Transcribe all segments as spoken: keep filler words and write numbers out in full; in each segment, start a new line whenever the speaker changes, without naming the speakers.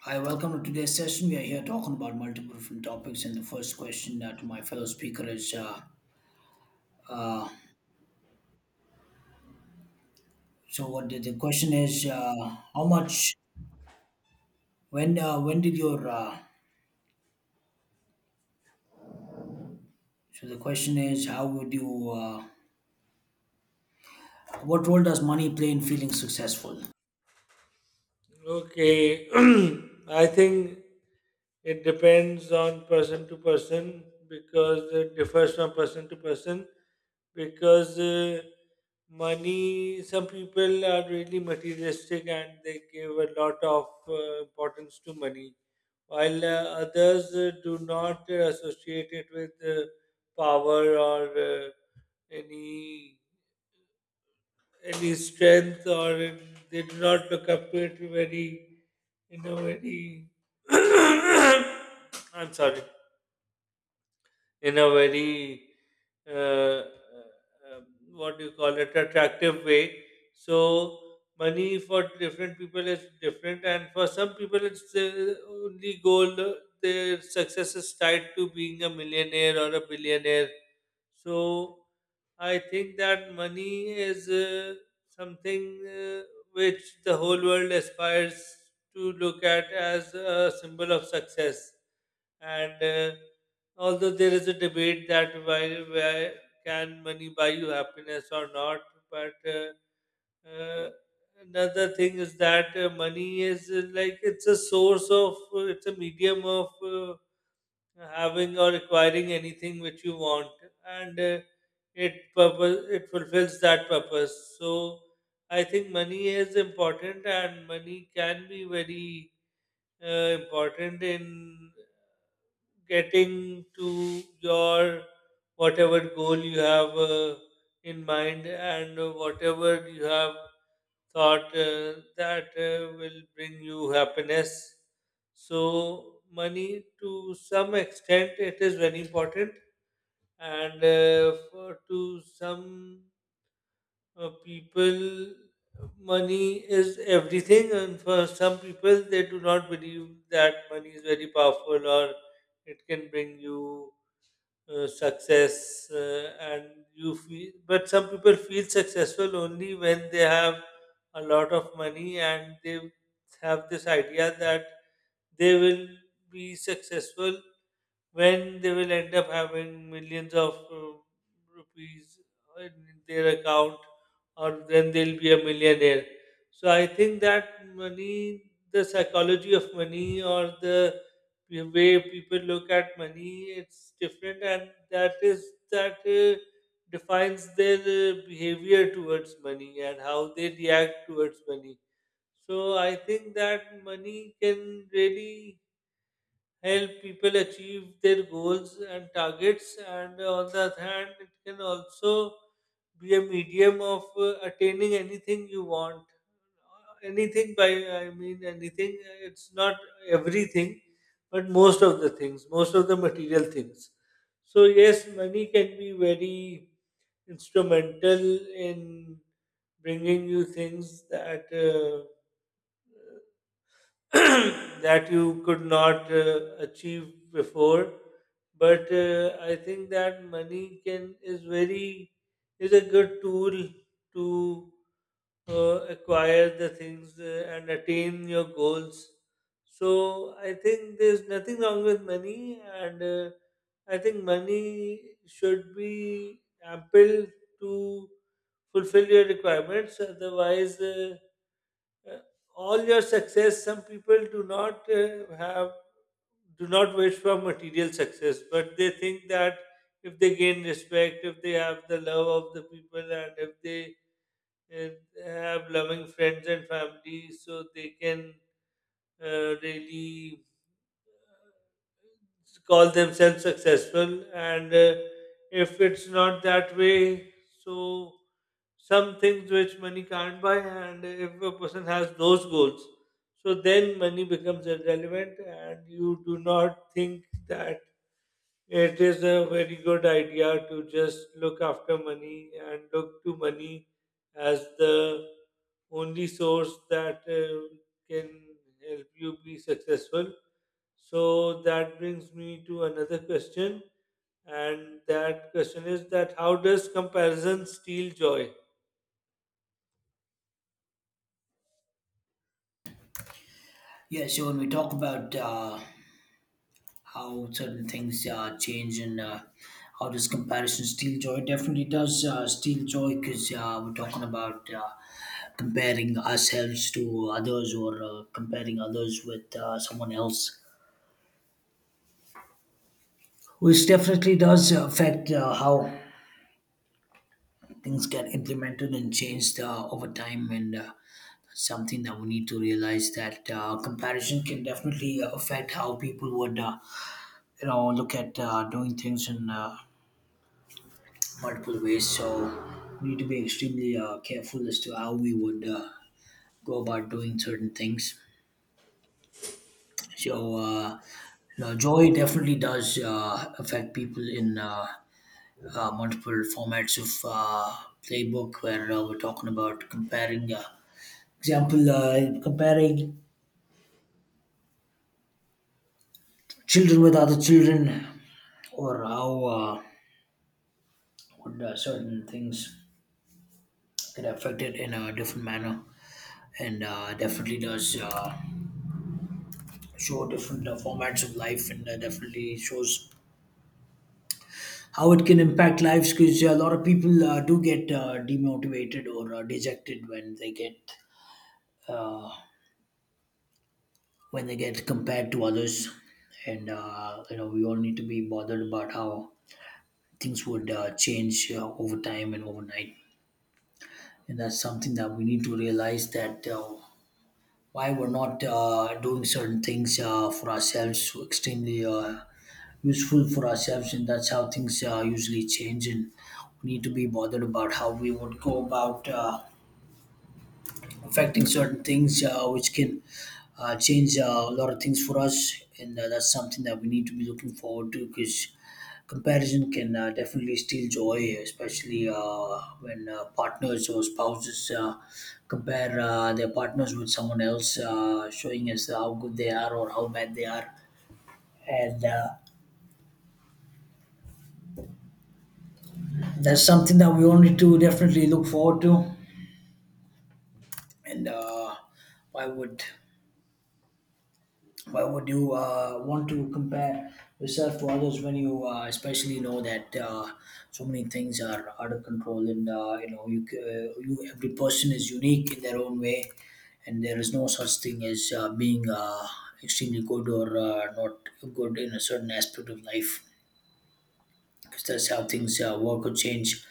Hi, welcome to today's session. We are here talking about multiple different topics, and the first question uh, to my fellow speaker is: uh, So, what the, the question is? Uh, how much? When? Uh, when did your? Uh, so the question is: How would you? Uh, what role does money play in feeling successful?
Okay, I think it depends on person to person because it differs from person to person. Because uh, money, some people are really materialistic and they give a lot of uh, importance to money, while uh, others uh, do not uh, associate it with uh, power or uh, any any strength, or uh, they do not look up to it very in a very I'm sorry, in a very uh, uh, um, what do you call it attractive way. So money for different people is different, and for some people, it's the only goal. Their success is tied to being a millionaire or a billionaire, so I think that money is uh, something uh, which the whole world aspires to look at as a symbol of success. And uh, although there is a debate that why, why can money buy you happiness or not, but uh, uh, another thing is that uh, money is uh, like it's a source of uh, it's a medium of uh, having or acquiring anything which you want, and uh, it purpose it fulfills that purpose. So I think money is important, and money can be very uh, important in getting to your whatever goal you have uh, in mind and whatever you have thought uh, that uh, will bring you happiness. So, money to some extent it is very important, and uh, for, to some uh, people, money is everything, and for some people, they do not believe that money is very powerful or it can bring you uh, success uh, and you feel, but some people feel successful only when they have a lot of money and they have this idea that they will be successful when they will end up having millions of uh, rupees in their account, or then they'll be a millionaire. So I think that money, the psychology of money, or the way people look at money, it's different, and that is that uh, defines their uh, behavior towards money and how they react towards money. So I think that money can really help people achieve their goals and targets, and on the other hand, it can also be a medium of uh, attaining anything you want. Anything by, I mean, anything, it's not everything, but most of the things, most of the material things. So, yes, money can be very instrumental in bringing you things that. Uh, That you could not uh, achieve before, but uh, I think that money can is very is a good tool to uh, acquire the things uh, and attain your goals. So I think there's nothing wrong with money, and uh, I think money should be ample to fulfill your requirements, otherwise uh, uh, all your success. Some people do not uh, have do not wish for material success, but they think that if they gain respect, if they have the love of the people, and if they uh, have loving friends and family, so they can uh, really call themselves successful. And uh, if it's not that way, so some things which money can't buy, and if a person has those goals, so then money becomes irrelevant, and you do not think that it is a very good idea to just look after money and look to money as the only source that uh, can help you be successful. So that brings me to another question, and that question is that how does comparison steal joy?
Yeah. So when we talk about uh, how certain things uh, change and uh, how does comparison steal joy? Definitely does uh, steal joy because uh, we're talking about uh, comparing ourselves to others or uh, comparing others with uh, someone else, which definitely does affect uh, how things get implemented and changed uh, over time and uh, something that we need to realize that uh, comparison can definitely affect how people would uh, you know look at uh, doing things and uh, multiple ways. So we need to be extremely uh, careful as to how we would uh, go about doing certain things. So uh, you know, joy definitely does uh, affect people in uh, uh, multiple formats of uh, playbook where uh, we're talking about comparing, uh, example, uh, comparing children with other children or how uh, would uh, certain things get affected in a different manner and uh, definitely does. Uh, show different uh, formats of life and uh, definitely shows how it can impact lives because a lot of people uh, do get uh, demotivated or uh, dejected when they get uh, when they get compared to others and uh, you know we all need to be bothered about how things would uh, change uh, over time and overnight and that's something that we need to realize that uh, why we're not uh, doing certain things uh, for ourselves so extremely uh, useful for ourselves and that's how things uh, usually change and we need to be bothered about how we would go about uh, affecting certain things uh, which can uh, change uh, a lot of things for us and uh, that's something that we need to be looking forward to because comparison can uh, definitely steal joy especially uh, when uh, partners or spouses uh, compare uh, their partners with someone else uh, showing us how good they are or how bad they are and uh, That's something that we all need to definitely look forward to. And uh, why would why would you uh, want to compare yourself to others when you uh, especially know that uh, so many things are out of control and uh, you know you, c- uh, you every person is unique in their own way and there is no such thing as uh, being uh, extremely good or uh, not good in a certain aspect of life because that's how things uh, work or change.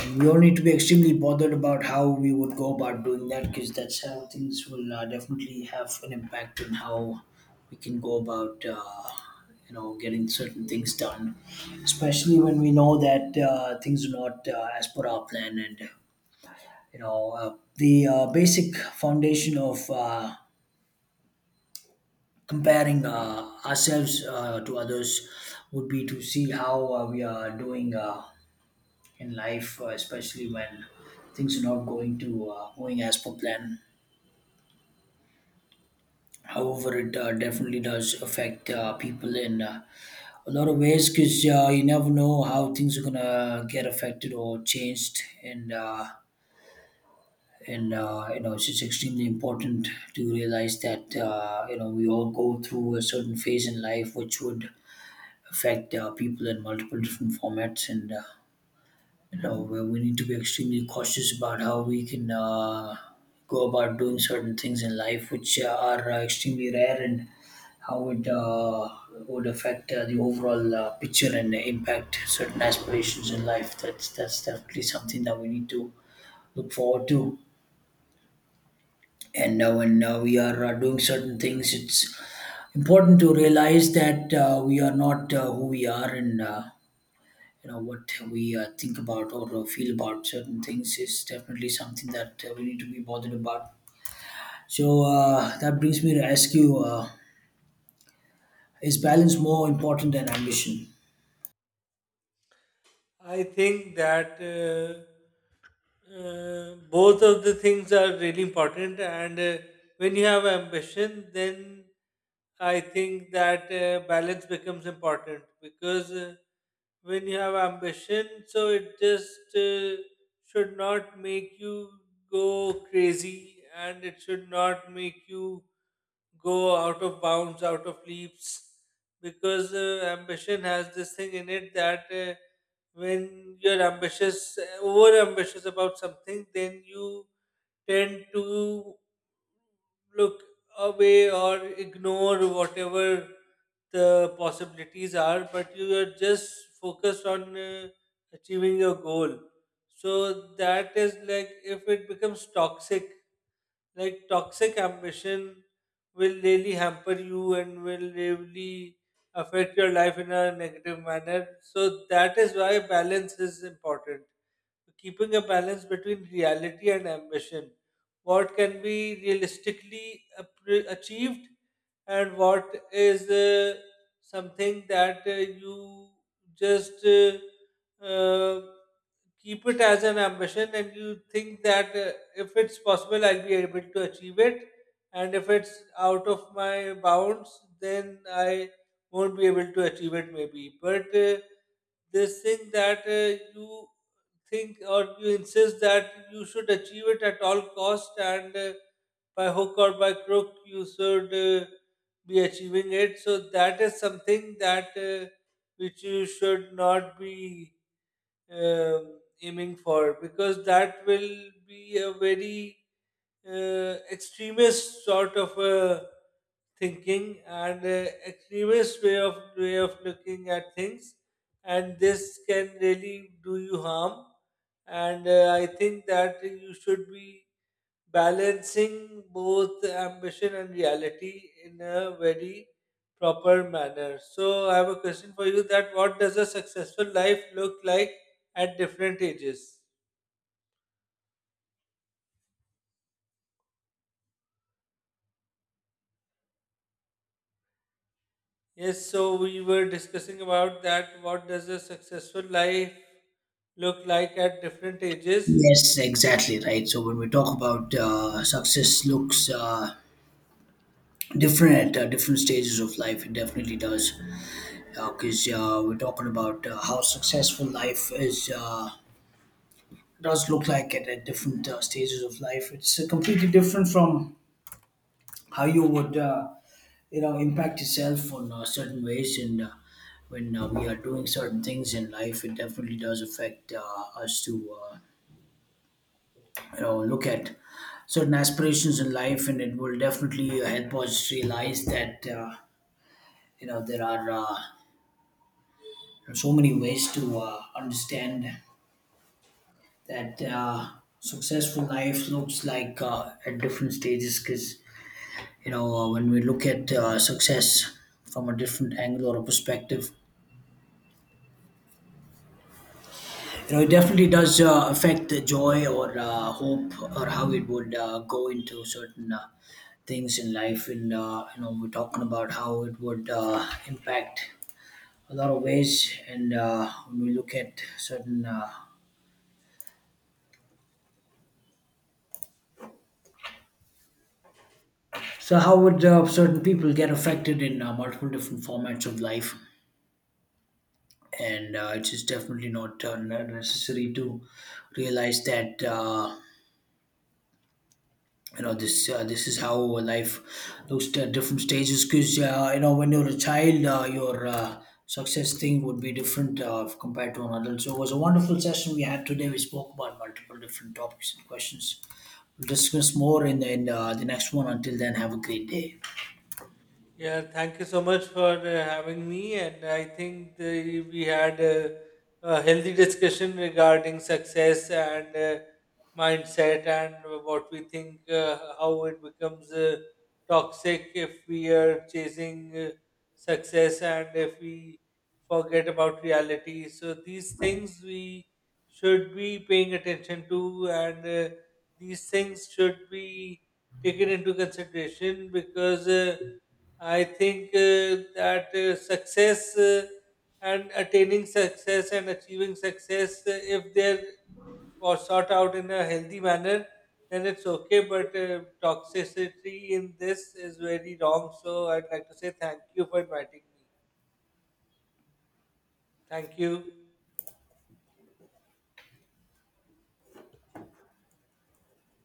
And we all need to be extremely bothered about how we would go about doing that because that's how things will uh, definitely have an impact on how we can go about, uh, you know, getting certain things done. Especially when we know that uh, things are not uh, as per our plan and, you know, uh, the uh, basic foundation of uh, comparing uh, ourselves uh, to others would be to see how uh, we are doing. Uh, in life, uh, especially when things are not going to uh, going as per plan. However, it uh, definitely does affect uh, people in uh, a lot of ways because uh, you never know how things are gonna get affected or changed, and uh, and uh, you know it's just extremely important to realize that uh, you know we all go through a certain phase in life which would affect uh, people in multiple different formats and. Uh, you know where we need to be extremely cautious about how we can uh, go about doing certain things in life which uh, are uh, extremely rare and how it uh, would affect uh, the overall uh, picture and impact certain aspirations in life that's that's definitely something that we need to look forward to and uh, when uh, we are uh, doing certain things it's important to realize that uh, we are not uh, who we are and uh, you know what we uh, think about or uh, feel about certain things is definitely something that uh, we need to be bothered about so uh, that brings me to ask you uh, is balance more important than ambition?
I think that uh, uh, both of the things are really important, and uh, when you have ambition, then I think that uh, balance becomes important, because uh, when you have ambition, so it just uh, should not make you go crazy, and it should not make you go out of bounds, out of leaps, because uh, ambition has this thing in it that uh, when you're ambitious, over ambitious about something, then you tend to look away or ignore whatever the possibilities are, but you are just focused on uh, achieving your goal. So that is like if it becomes toxic, like toxic ambition will really hamper you and will really affect your life in a negative manner. So that is why balance is important. Keeping a balance between reality and ambition. What can be realistically appre- achieved, and what is uh, something that uh, you just uh, uh, keep it as an ambition, and you think that uh, if it's possible, I'll be able to achieve it, and if it's out of my bounds, then I won't be able to achieve it maybe. But uh, this thing that uh, you think or you insist that you should achieve it at all cost, and uh, by hook or by crook you should uh, be achieving it, so that is something that uh, which you should not be uh, aiming for, because that will be a very uh, extremist sort of a thinking, and uh, extremist way of way of looking at things, and this can really do you harm. And uh, I think that you should be balancing both ambition and reality in a very proper manner. So I have a question for you: that what does a successful life look like at different ages? Yes, so we were discussing about that, what does a successful life look like at different ages?
Yes, exactly right. So when we talk about uh, success looks uh, different at uh, different stages of life it definitely does because uh, we're talking about uh, how successful life is uh, does look like at, at different uh, stages of life it's uh, completely different from how you would uh, you know impact yourself on uh, certain ways and uh, when uh, we are doing certain things in life it definitely does affect uh, us to uh, you know look at certain aspirations in life and it will definitely help us realize that uh, you know there are uh, so many ways to uh, understand that uh, successful life looks like uh, at different stages because you know uh, when we look at uh, success from a different angle or a perspective. You know, it definitely does uh, affect the joy or uh, hope or how it would uh, go into certain uh, things in life. And uh, you know, we're talking about how it would uh, impact a lot of ways. And uh, when we look at certain, uh, so how would uh, certain people get affected in uh, multiple different formats of life? And uh, it's just definitely not uh, necessary to realize that. Uh, You know this uh, this is how life looks at different stages because uh, you know when you're a child uh, your uh, success thing would be different uh, if compared to an adult. So it was a wonderful session we had today. We spoke about multiple different topics and questions. We'll discuss more in, in uh, the next one. Until then, have a great day.
Yeah, thank you so much for uh, having me. And I think the, we had a, a healthy discussion regarding success and uh, mindset, and what we think, uh, how it becomes uh, toxic if we are chasing uh, success and if we forget about reality. So, these things we should be paying attention to, and uh, these things should be taken into consideration because. Uh, I think uh, that uh, success uh, and attaining success and achieving success, uh, if they're or sought out in a healthy manner, then it's okay. But uh, toxicity in this is very wrong. So I'd like to say thank you for inviting me. Thank you.